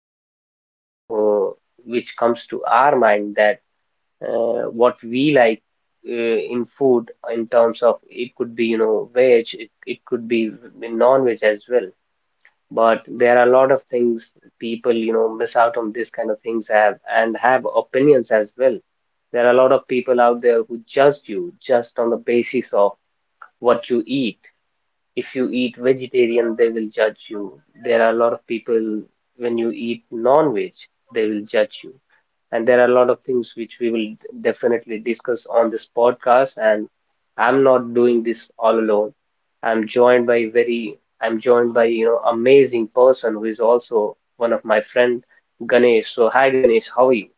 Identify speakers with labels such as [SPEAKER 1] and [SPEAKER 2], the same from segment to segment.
[SPEAKER 1] question, uh, which comes to our mind that what we like in food in terms of it could be, you know, veg, it could be non-veg as well. But there are a lot of things people, miss out on this kind of things have and have opinions as well. There are a lot of people out there who judge you just on the basis of what you eat if you eat vegetarian, they will judge you. There are a lot of people, when you eat non-veg, they will judge you. And there are a lot of things which we will definitely discuss on this podcast. And I'm not doing this all alone. I'm joined by very, I'm joined by, you know, amazing person who is also one of my friend, Ganesh. So, hi Ganesh, how are you?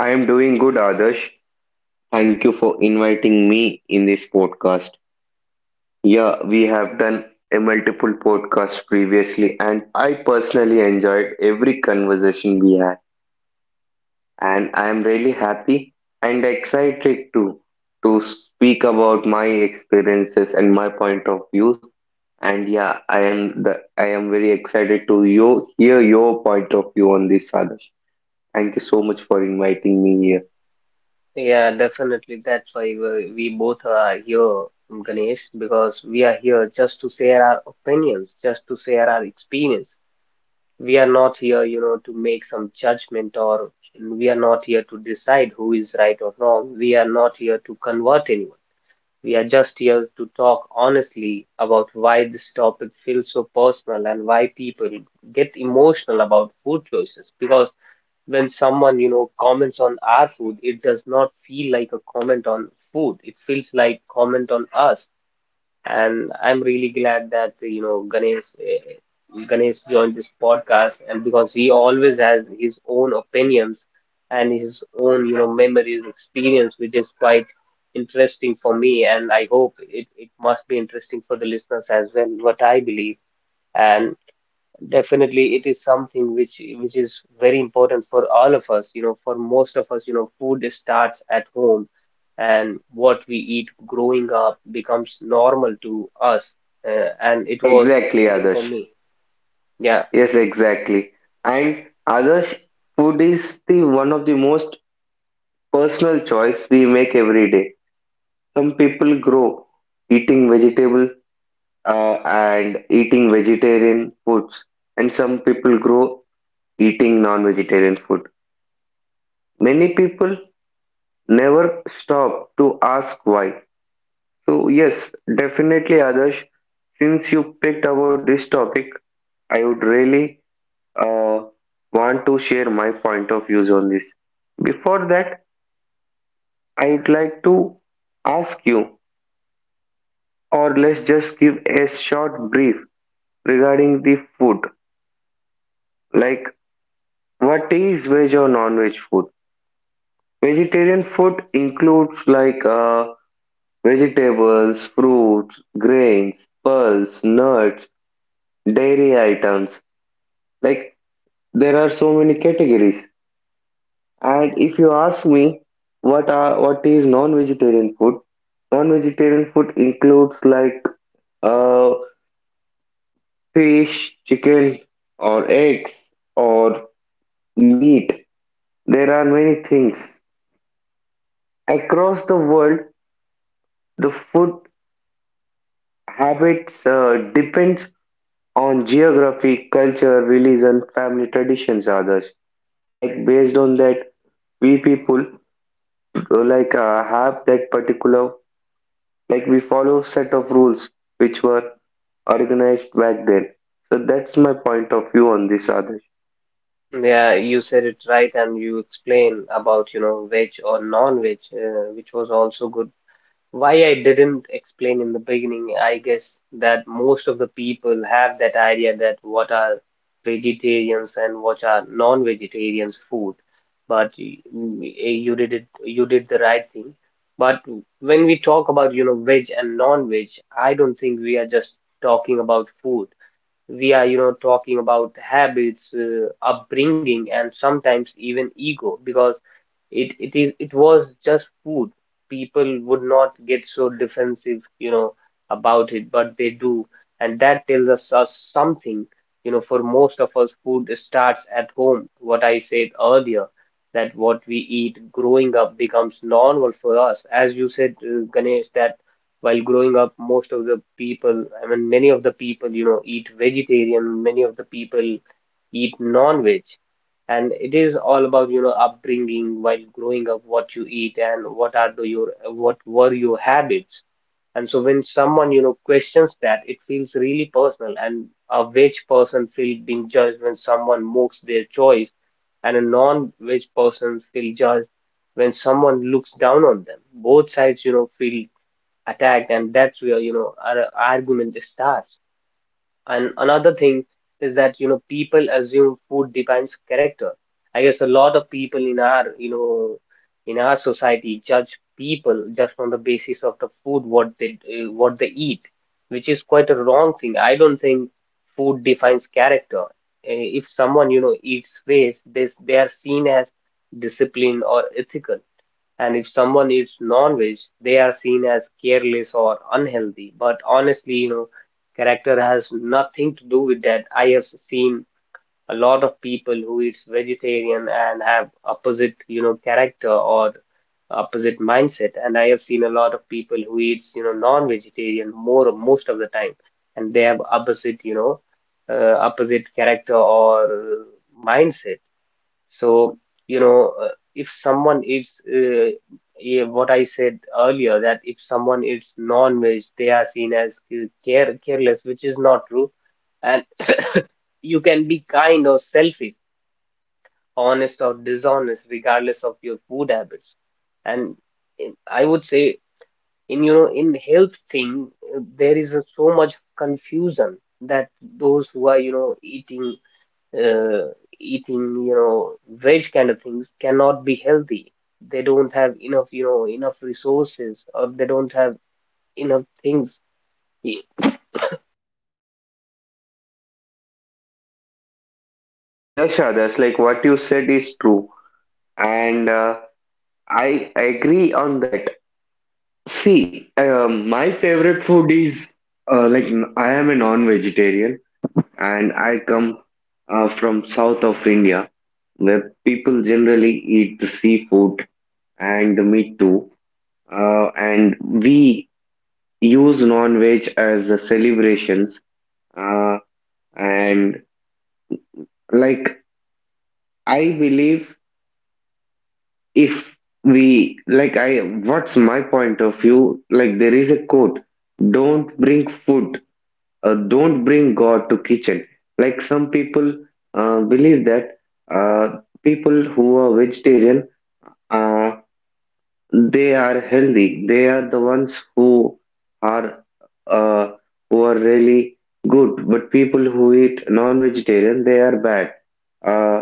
[SPEAKER 2] I am doing good, Adarsh. Thank you for inviting me in this podcast. Yeah, we have done a multiple podcasts previously, and I personally enjoyed every conversation we had. And I am really happy and excited to speak about my experiences and my point of views. And yeah, I am very excited to you hear your point of view on this, Adarsh. Thank you so much for inviting me here.
[SPEAKER 1] Yeah, definitely. That's why we both are here, Ganesh, because we are here just to share our opinions, just to share our experience. We are not here, you know, to make some judgment or we are not here to decide who is right or wrong. We are not here to convert anyone. We are just here to talk honestly about why this topic feels so personal and why people get emotional about food choices because when someone, you know, comments on our food, it does not feel like a comment on food. It feels like comment on us. And I'm really glad that, you know, Ganesh joined this podcast and because he always has his own opinions and his own, you know, memories, experience, which is quite interesting for me. And I hope it must be interesting for the listeners as well, what I believe. And definitely, it is something which is very important for all of us. You know, for most of us, you know, food starts at home, and what we eat growing up becomes normal to us. And it was
[SPEAKER 2] Exactly,
[SPEAKER 1] same for
[SPEAKER 2] Adarsh.
[SPEAKER 1] me. Yeah,
[SPEAKER 2] Yes, exactly. And Adarsh, food is the one of the most personal choice we make every day. Some people grow eating vegetable and eating vegetarian foods, and some people grow eating non-vegetarian food. Many people never stop to ask why. So yes, definitely, Adarsh, since you picked about this topic, I would really uh, want to share my point of views on this. Before that, I'd like to ask you, or let's just give a short brief regarding the food. Like, what is veg or non-veg food? Vegetarian food includes like vegetables, fruits, grains, pearls, nuts, dairy items. Like, there are so many categories. And if you ask me what is non-vegetarian food includes like uh, fish, chicken, or eggs, or meat. There are many things across the world. The food habits depends on geography, culture, religion, family traditions, others. Like based on that, we people have that particular. Like we follow set of rules which were organized back then. So that's my point of view on this, Adarsh.
[SPEAKER 1] yeah, you said it right, and you explained about you know veg or non-veg, which was also good. Why I didn't explain in the beginning, I guess that most of the people have that idea that what are vegetarians and what are non-vegetarians food. But you did it, you did the right thing. But when we talk about, you know, veg and non-veg, I don't think we are just talking about food. We are, you know, talking about habits, upbringing, and sometimes even ego, because it is it was just food. People would not get so defensive, you know, about it, but they do, and that tells us, us something. You know, for most of us, food starts at home. What I said earlier, that what we eat growing up becomes normal for us. As you said, Ganesh, that while growing up, most of the people, I mean, many of the people, you know, eat vegetarian. Many of the people eat non-veg and it is all about you know upbringing while growing up what you eat and what are the your what were your habits and so when someone you know questions that it feels really personal and a veg person feel being judged when someone mocks their choice and a non-veg person feel judged when someone looks down on them both sides you know feel attacked and that's where you know our argument starts and another thing is that, you know, people assume food defines character. I guess a lot of people in our, you know, in our society judge people just on the basis of the food what they eat, which is quite a wrong thing. I don't think food defines character. If someone, you know, eats waste, this they are seen as disciplined or ethical. And if someone eats non-veg, they are seen as careless or unhealthy. But honestly, you know, character has nothing to do with that. I have seen a lot of people who eats vegetarian and have opposite, you know, character or opposite mindset. And I have seen a lot of people who eats, you know, non-vegetarian more most of the time, and they have opposite, opposite character or mindset. So, you know, uh, if someone is, yeah, what I said earlier, that if someone is non-veg, they are seen as careless, which is not true. And you can be kind or selfish, honest or dishonest, regardless of your food habits. And I would say, in you know, in health thing, there is a, so much confusion that those who are you know uh, eating you know veg kind of things cannot be healthy they don't have enough you know enough resources or they don't have enough things Y-
[SPEAKER 2] Yes, Adarsh, like what you said is true, and I agree on that. See, my favorite food is I am a non-vegetarian, and I come from south of India, where people generally eat the seafood and the meat too. And we use non-veg as a celebrations, uh, and like I believe if we like I what's my point of view, like there is a quote, don't bring food, don't bring god to kitchen. Like some people believe that uh, people who are vegetarian, uh, they are healthy. They are the ones are uh, who are really good. But people who eat non-vegetarian, they are bad. Uh,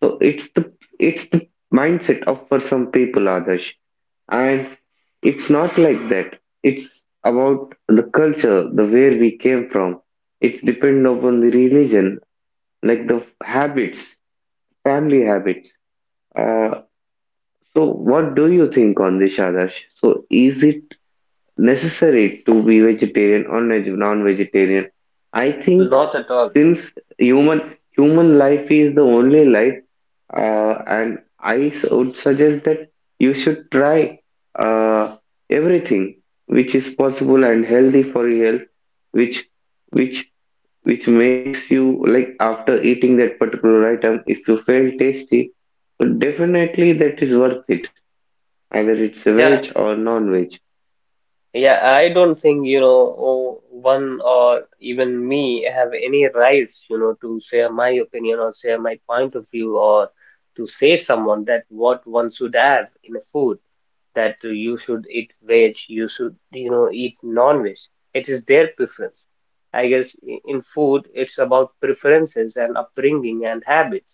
[SPEAKER 2] so it's the mindset of for some people, Adarsh, and it's not like that. It's about the culture, the where we came from. It's dependent upon the religion, like the habits, family habits. Uh, so what do you think on this, Adarsh? So is it necessary to be vegetarian or non-vegetarian? I think
[SPEAKER 1] not at all
[SPEAKER 2] since human life is the only life, and I would suggest that you should try uh, everything which is possible and healthy for your health, which which makes you, like after eating that particular item, if you feel tasty, definitely that is worth it, either it's a
[SPEAKER 1] yeah
[SPEAKER 2] veg or non-veg.
[SPEAKER 1] yeah I don't think you know one or even me have any rights you know to share my opinion or share my point of view or to say someone that what one should have in a food that you should eat veg, you should, you know, eat non-veg. It is their preference. I guess in food, it's about preferences and upbringing and habits.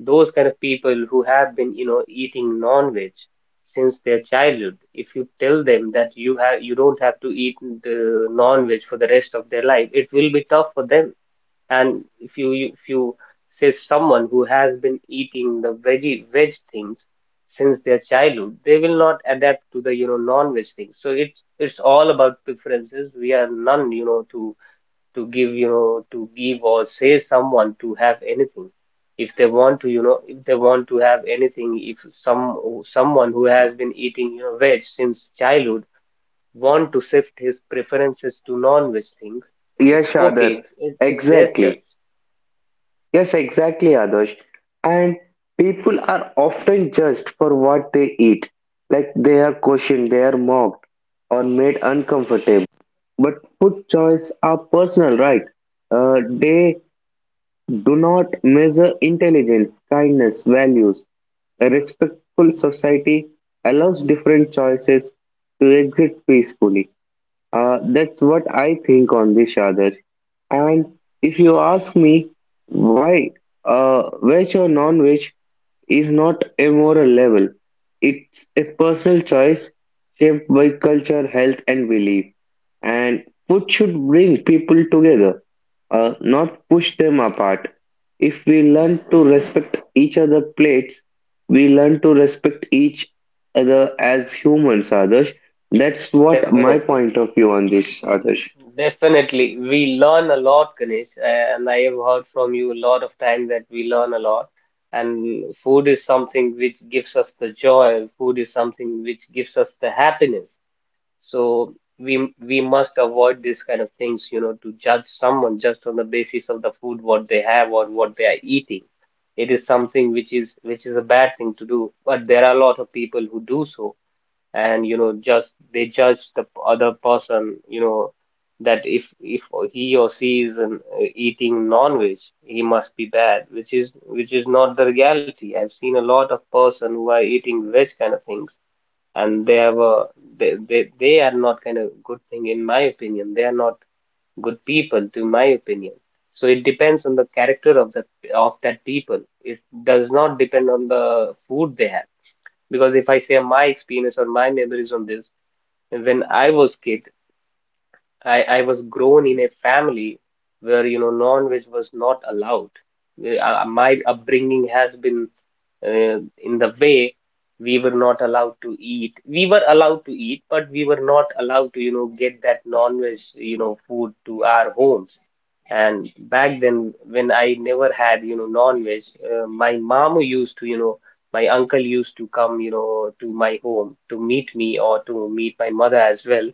[SPEAKER 1] Those kind of people who have been, you know, eating non-veg since their childhood, if you tell them that you have, you don't have to eat the non-veg for the rest of their life, it will be tough for them and if you say someone who has been eating the veg things since their childhood they will not adapt to the you know non-veg things so it's all about preferences we are none you know to give you know to give or say someone to have anything if they want to you know if they want to have anything if some someone who has been eating you know veg since childhood want to shift his preferences to non-veg things it's
[SPEAKER 2] Yes,
[SPEAKER 1] okay
[SPEAKER 2] others.
[SPEAKER 1] it's their
[SPEAKER 2] Exactly.
[SPEAKER 1] choice.
[SPEAKER 2] Yes, exactly, Adarsh. And people are often judged for what they eat. Like they are questioned, they are mocked, or made uncomfortable. But food choice are personal, right? They do not measure intelligence, kindness, values. A respectful society allows different choices to exist peacefully. That's what I think on this, Shadar. And if you ask me why veg or non-veg is not a moral level, it's a personal choice shaped by culture, health, and belief. And food should bring people together, not push them apart. If we learn to respect each other plates, we learn to respect each other as humans, Adarsh. That's what my
[SPEAKER 1] Definitely,
[SPEAKER 2] point of view on this, Adarsh.
[SPEAKER 1] definitely. We learn a lot, Ganesh, and I have heard from you a lot of time that we learn a lot. And food is something which gives us the joy. Food is something which gives us the happiness. So we must avoid this kind of things, you know, to judge someone just on the basis of the food what they have or what they are eating. It is something which is a bad thing to do. But there are a lot of people who do so and you know just they judge the other person you know that if he or she is eating non-veg he must be bad which is not the reality. I've seen a lot of person who are eating veg kind of things and they have a they are not kind of good thing in my opinion they are not good people to my opinion so it depends on the character of the of that people it does not depend on the food they have because if I say my experience or my memories on this when I was kid, I was grown in a family where, you know, non-veg was not allowed. My upbringing has been uh, in the way we were not allowed to eat. We were allowed to eat, but we were not allowed to, you know, get that non-veg, you know, food to our homes. And back then, when I never had, non-veg, my mom used to, my uncle used to come, you know, to my home to meet me or to meet my mother as well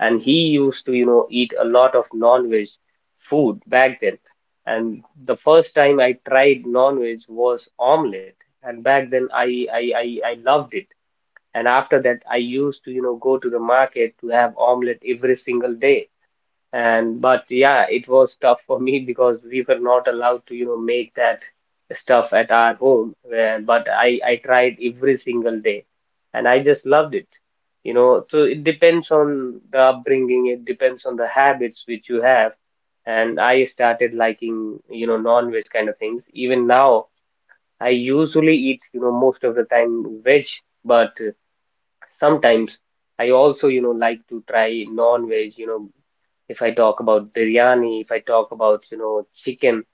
[SPEAKER 1] and he used to eat a lot of non-veg food back then. And the first time I tried non-veg was omelette, and back then I loved it. And after that I used to go to the market to have omelette every single day. And but yeah, it was tough for me because we were not allowed to make that stuff at our home where, but I tried every single day, and I just loved it. So it depends on the upbringing, it depends on the habits which you have. And I started liking, you know, non-veg kind of things. Even now I usually eat, you know, most of the time veg, but sometimes I also, you know, like to try non-veg, you know, if I talk about biryani, if I talk about, you know, chicken,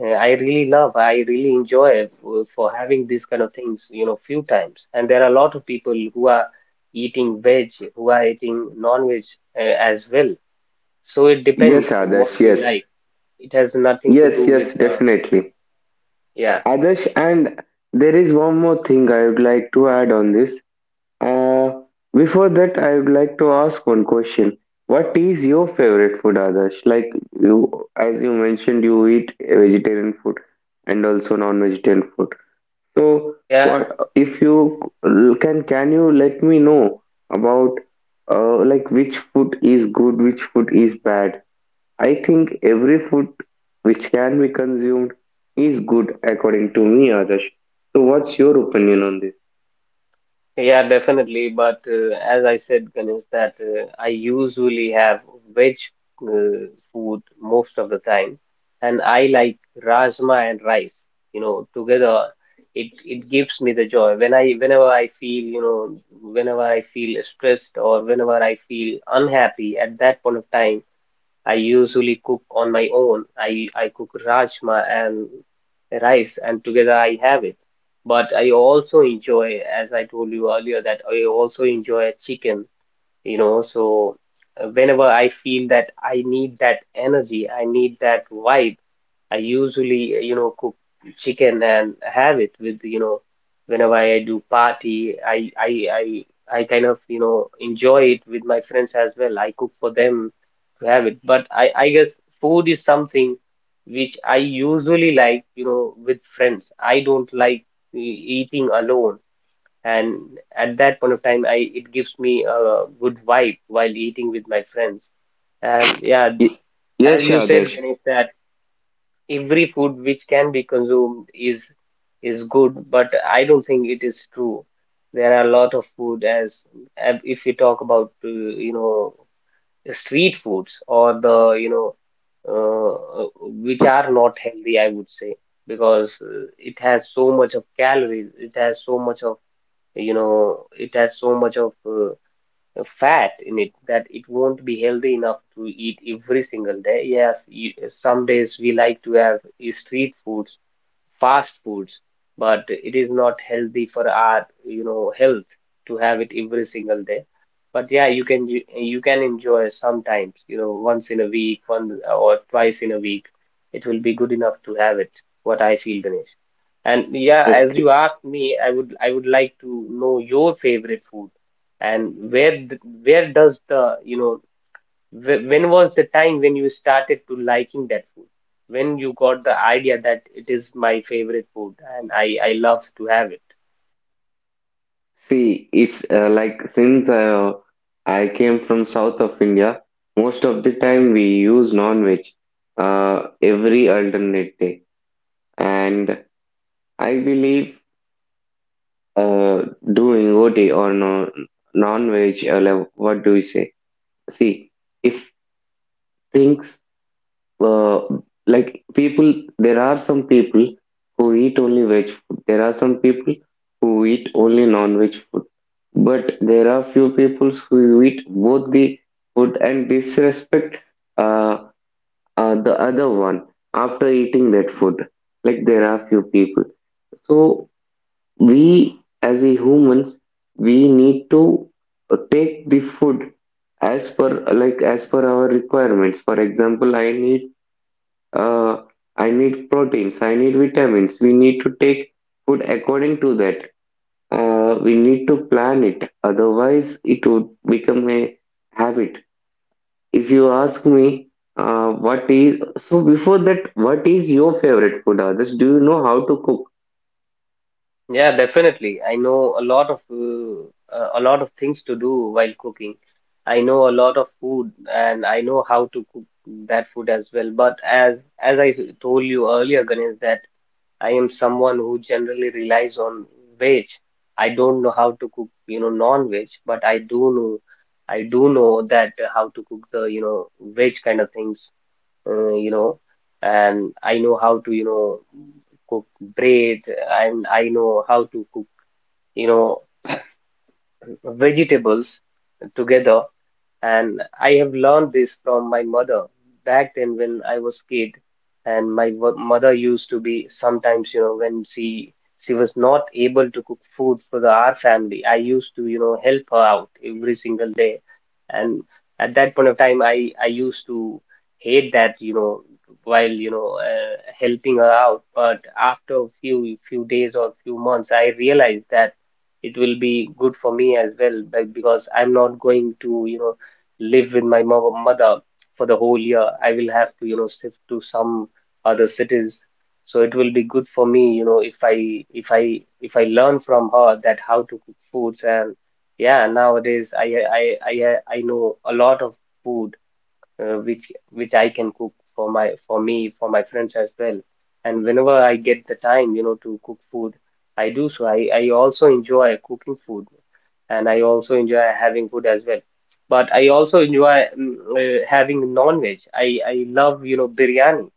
[SPEAKER 1] I really love, I really enjoy for having these kind of things, you know, few times. And there are a lot of people who are eating veg, who are eating non-veg as well. So it
[SPEAKER 2] Yes,
[SPEAKER 1] depends what
[SPEAKER 2] Adarsh,
[SPEAKER 1] we
[SPEAKER 2] yes.
[SPEAKER 1] like. It has nothing to do
[SPEAKER 2] Yes,
[SPEAKER 1] with,
[SPEAKER 2] yes, definitely.
[SPEAKER 1] yeah,
[SPEAKER 2] Adarsh, and there is one more thing I would like to add on this. Uh, before that, I would like to ask one question. What is your favorite food, Adarsh? Like you, as you mentioned, you eat vegetarian food and also non-vegetarian food. So,
[SPEAKER 1] yeah.
[SPEAKER 2] what if you can you let me know about like which food is good, which food is bad? I think every food which can be consumed is good according to me, Adarsh. So, what's your opinion on this?
[SPEAKER 1] Yeah, definitely. But as I said, Ganesh, that I usually have veg food most of the time, and I like rajma and rice. You know, together, it gives me the joy. Whenever I feel, you know, whenever I feel stressed or whenever I feel unhappy at that point of time, I usually cook on my own. I cook rajma and rice, and together I have it. But I also enjoy, as I told you earlier, that I also enjoy chicken, you know. So whenever I feel that I need that energy, I need that vibe, I usually you know, cook chicken and have it with, you know, whenever I do party, I kind of, you know, enjoy it with my friends as well. I cook for them to have it. But I guess food is something which I usually like, you know, with friends. I don't like e- eating alone, and at that point of time, I it gives me a good vibe while eating with my friends. And yeah,
[SPEAKER 2] Y-
[SPEAKER 1] as
[SPEAKER 2] Yes,
[SPEAKER 1] you said,
[SPEAKER 2] Adarsh.
[SPEAKER 1] Ganesh, that every food which can be consumed is good, but I don't think it is true. There are a lot of food, as if we talk about, you know, street foods or the, you know uh, which are not healthy, I would say, because it has so much of calories, it has so much of, it has so much of, fat in it that it won't be healthy enough to eat every single day. Yes, you, some days we like to have, street foods, fast foods, but it is not healthy for our, you know, health to have it every single day. But yeah, you can you can enjoy sometimes, you know, once in a week, one or twice in a week. It will be good enough to have it, what I feel, Ganesh. And yeah, as
[SPEAKER 2] Okay.
[SPEAKER 1] you asked me, I would like to know your favorite food, and where where does the, when was the time when you started to liking that food? When you got the idea that it is my favorite food and I love to have it.
[SPEAKER 2] See, it's like since I came from south of India, most of the time we use non-veg every alternate day. And I believe uh, doing OT or no, non-veg, or like, what do we say? See, if things uh, like people, there are some people who eat only veg food. There are some people who eat only non-veg food. But there are few people who eat both the food and disrespect uh, the other one after eating that food. Like there are few people. So we as a humans, we need to take the food as per, like as per our requirements. For example, uh, I need proteins, I need vitamins. We need to take food according to that. We need to plan it, otherwise, it would become a habit. If you ask me, what is so before that, what is your favorite food, Others? Do you know how to cook?
[SPEAKER 1] Yeah, definitely. I know a lot of, uh, a lot of things to do while cooking. I know a lot of food, and I know how to cook that food as well. But as I told you earlier, Ganesh, that I am someone who generally relies on veg. I don't know how to cook, you know, non-veg, but I do know that, how to cook the, you know, veg kind of things, uh, you know, and I know how to, you know, cook bread, and I know how to cook, you know, vegetables together, and I have learned this from my mother back then when I was kid. And my mother used to be sometimes, you know, when she was not able to cook food for the our family, I used to, you know, help her out every single day. And at that point of time, I used to hate that, you know, while, you know, helping her out. But after a few days or few months, I realized that it will be good for me as well, but because I'm not going to, you know, live with my mother for the whole year. I will have to, you know, shift to some other cities. So it will be good for me, you know, if I learn from her that how to cook foods. And yeah, nowadays I know a lot of food, which I can cook for my for me, for my friends as well. And whenever I get the time, you know, to cook food, I do so. I also enjoy cooking food, and I also enjoy having food as well. But I also enjoy having non-veg. I love, you know, biryani.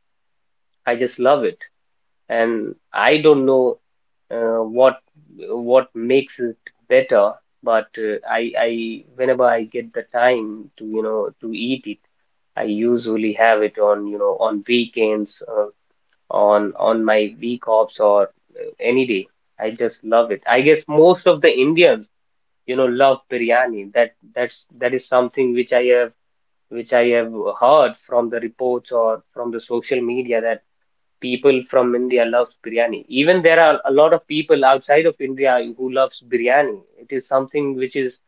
[SPEAKER 1] I just love it, and I don't know, what makes it better. But I whenever I get the time to, you know, to eat it. I usually have it on, you know, on weekends, on my week offs, or any day. I just love it. I guess most of the Indians, you know, love biryani. That is something which I have, which I have heard from the reports or from the social media that people from India loves biryani. Even there are a lot of people outside of India who loves biryani. It is something which is,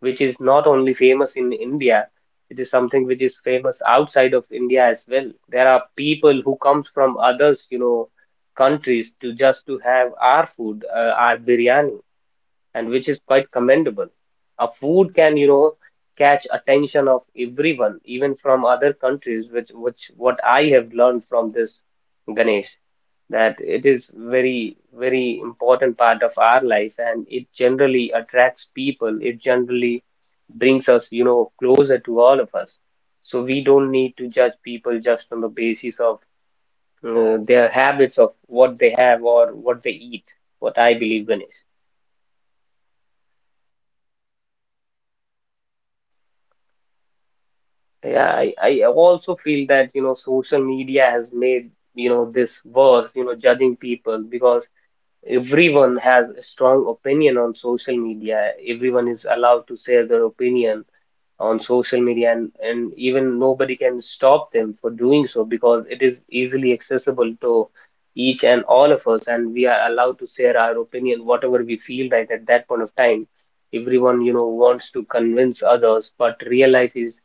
[SPEAKER 1] not only famous in India, it is something which is famous outside of India as well. There are people who comes from others, you know, countries, to just to have our food, our biryani, and which is quite commendable. A food can, you know, catch attention of everyone, even from other countries, which what I have learned from this, Ganesh, that it is very very important part of our life, and it generally attracts people, it generally brings us, you know, closer to all of us. So we don't need to judge people just on the basis of, their habits of what they have or what they eat, what I believe, Ganesh. Yeah, I also feel that, you know, social media has made, you know, this worse, you know, judging people, because everyone has a strong opinion on social media, everyone is allowed to share their opinion on social media, and even nobody can stop them for doing so, because it is easily accessible to each and all of us, and we are allowed to share our opinion whatever we feel right at that point of time. Everyone, you know, wants to convince others, but real life is,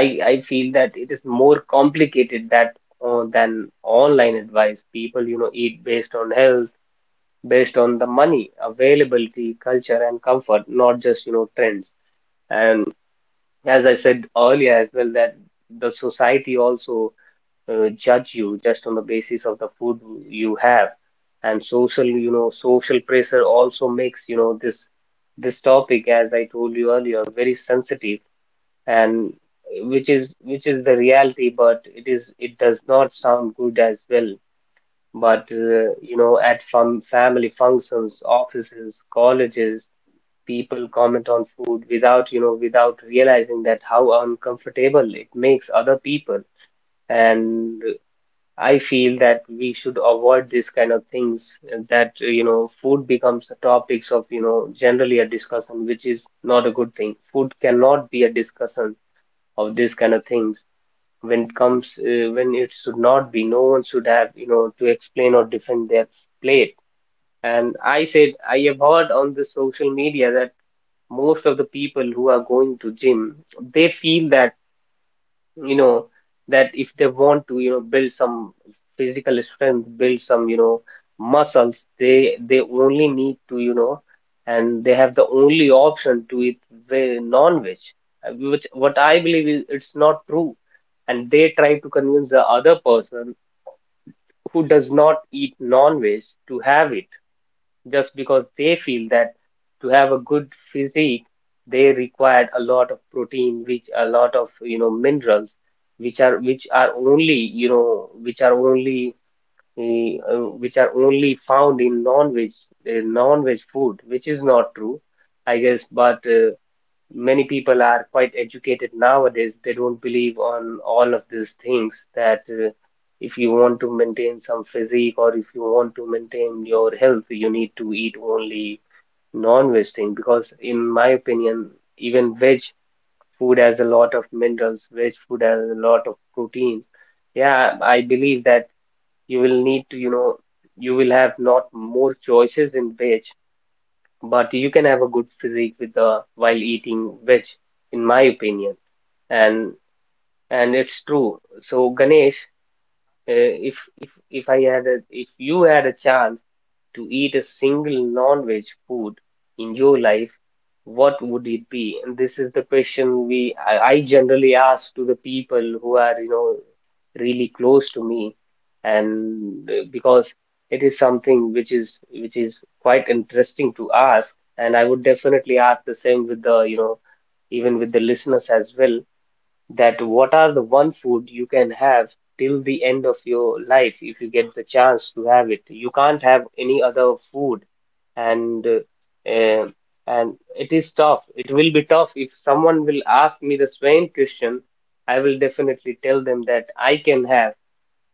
[SPEAKER 1] I feel that it is more complicated that, than online advice. People, you know, eat based on health, based on the money, availability, culture, and comfort, not just, you know, trends. And as I said earlier as well, that the society also, judge you just on the basis of the food you have. And social, you know, social pressure also makes, you know, this topic, as I told you earlier, very sensitive, and which is, the reality, but it does not sound good as well. But you know, at fun family functions, offices, colleges, people comment on food without, you know, without realizing that how uncomfortable it makes other people. And I feel that we should avoid this kind of things. And That, you know, food becomes a topics of, you know, generally a discussion, which is not a good thing. Food cannot be a discussion of this kind of things when it comes, when it should not be. No one should have, you know, to explain or defend their plate. And I said, I have heard on the social media that most of the people who are going to gym, they feel that, you know, that if they want to, you know, build some physical strength, build some, you know, muscles, they only need to, you know, and they have the only option to eat, non-veg, which what I believe is it's not true. And they try to convince the other person who does not eat non-veg to have it just because they feel that to have a good physique, they required a lot of protein, which a lot of, you know, minerals, which are, which are only you know which are only which are only found in non-veg, food, which is not true, I guess. But many people are quite educated nowadays. They don't believe on all of these things that, if you want to maintain some physique or if you want to maintain your health, you need to eat only non-veg thing, because in my opinion, even veg food has a lot of minerals, veg food has a lot of proteins. Yeah, I believe that you will need to, you know, you will have not more choices in veg, but you can have a good physique with the while eating veg, in my opinion. and and it's true. So Ganesh, uh, if if I had a, if you had a chance to eat a single non-veg food in your life, what would it be? And this is the question we I generally ask to the people who are, you know, really close to me, and because it is something which is, quite interesting to ask, and I would definitely ask the same with the, you know, even with the listeners as well, that what are the one food you can have till the end of your life if you get the chance to have it. You can't have any other food, and eh, and it is tough. It will be tough if someone will ask me the same question. I will definitely tell them that I can have,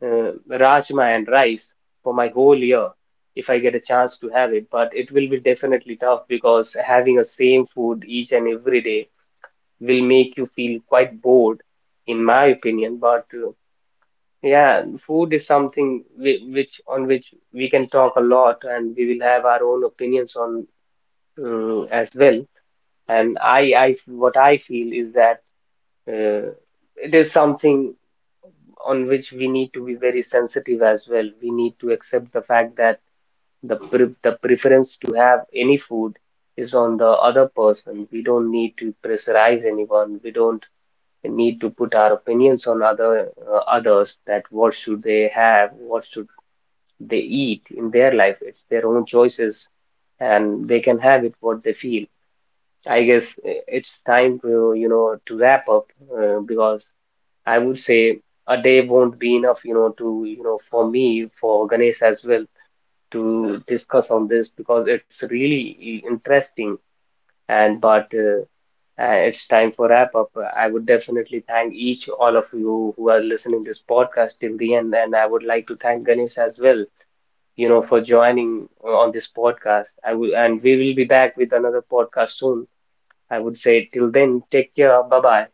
[SPEAKER 1] rajma and rice for my whole year if I get a chance to have it. But it will be definitely tough, because having a same food each and every day will make you feel quite bored, in my opinion. But yeah, food is something which on which we can talk a lot, and we will have our own opinions on, as well. And what I feel is that, uh, it is something on which we need to be very sensitive as well. We need to accept the fact that the preference to have any food is on the other person. We don't need to pressurize anyone. We don't need to put our opinions on other, others, that what should they have, what should they eat in their life. It's their own choices, and they can have it what they feel. I guess it's time to, you know, to wrap up, because I would say a day won't be enough, you know, to, you know, for me, for Ganesh as well, to discuss on this, because it's really interesting. And but it's time for wrap up. I would definitely thank each all of you who are listening this podcast till the end, and I would like to thank Ganesh as well, you know, for joining on this podcast. I will, and we will be back with another podcast soon. I would say till then, take care. Bye bye.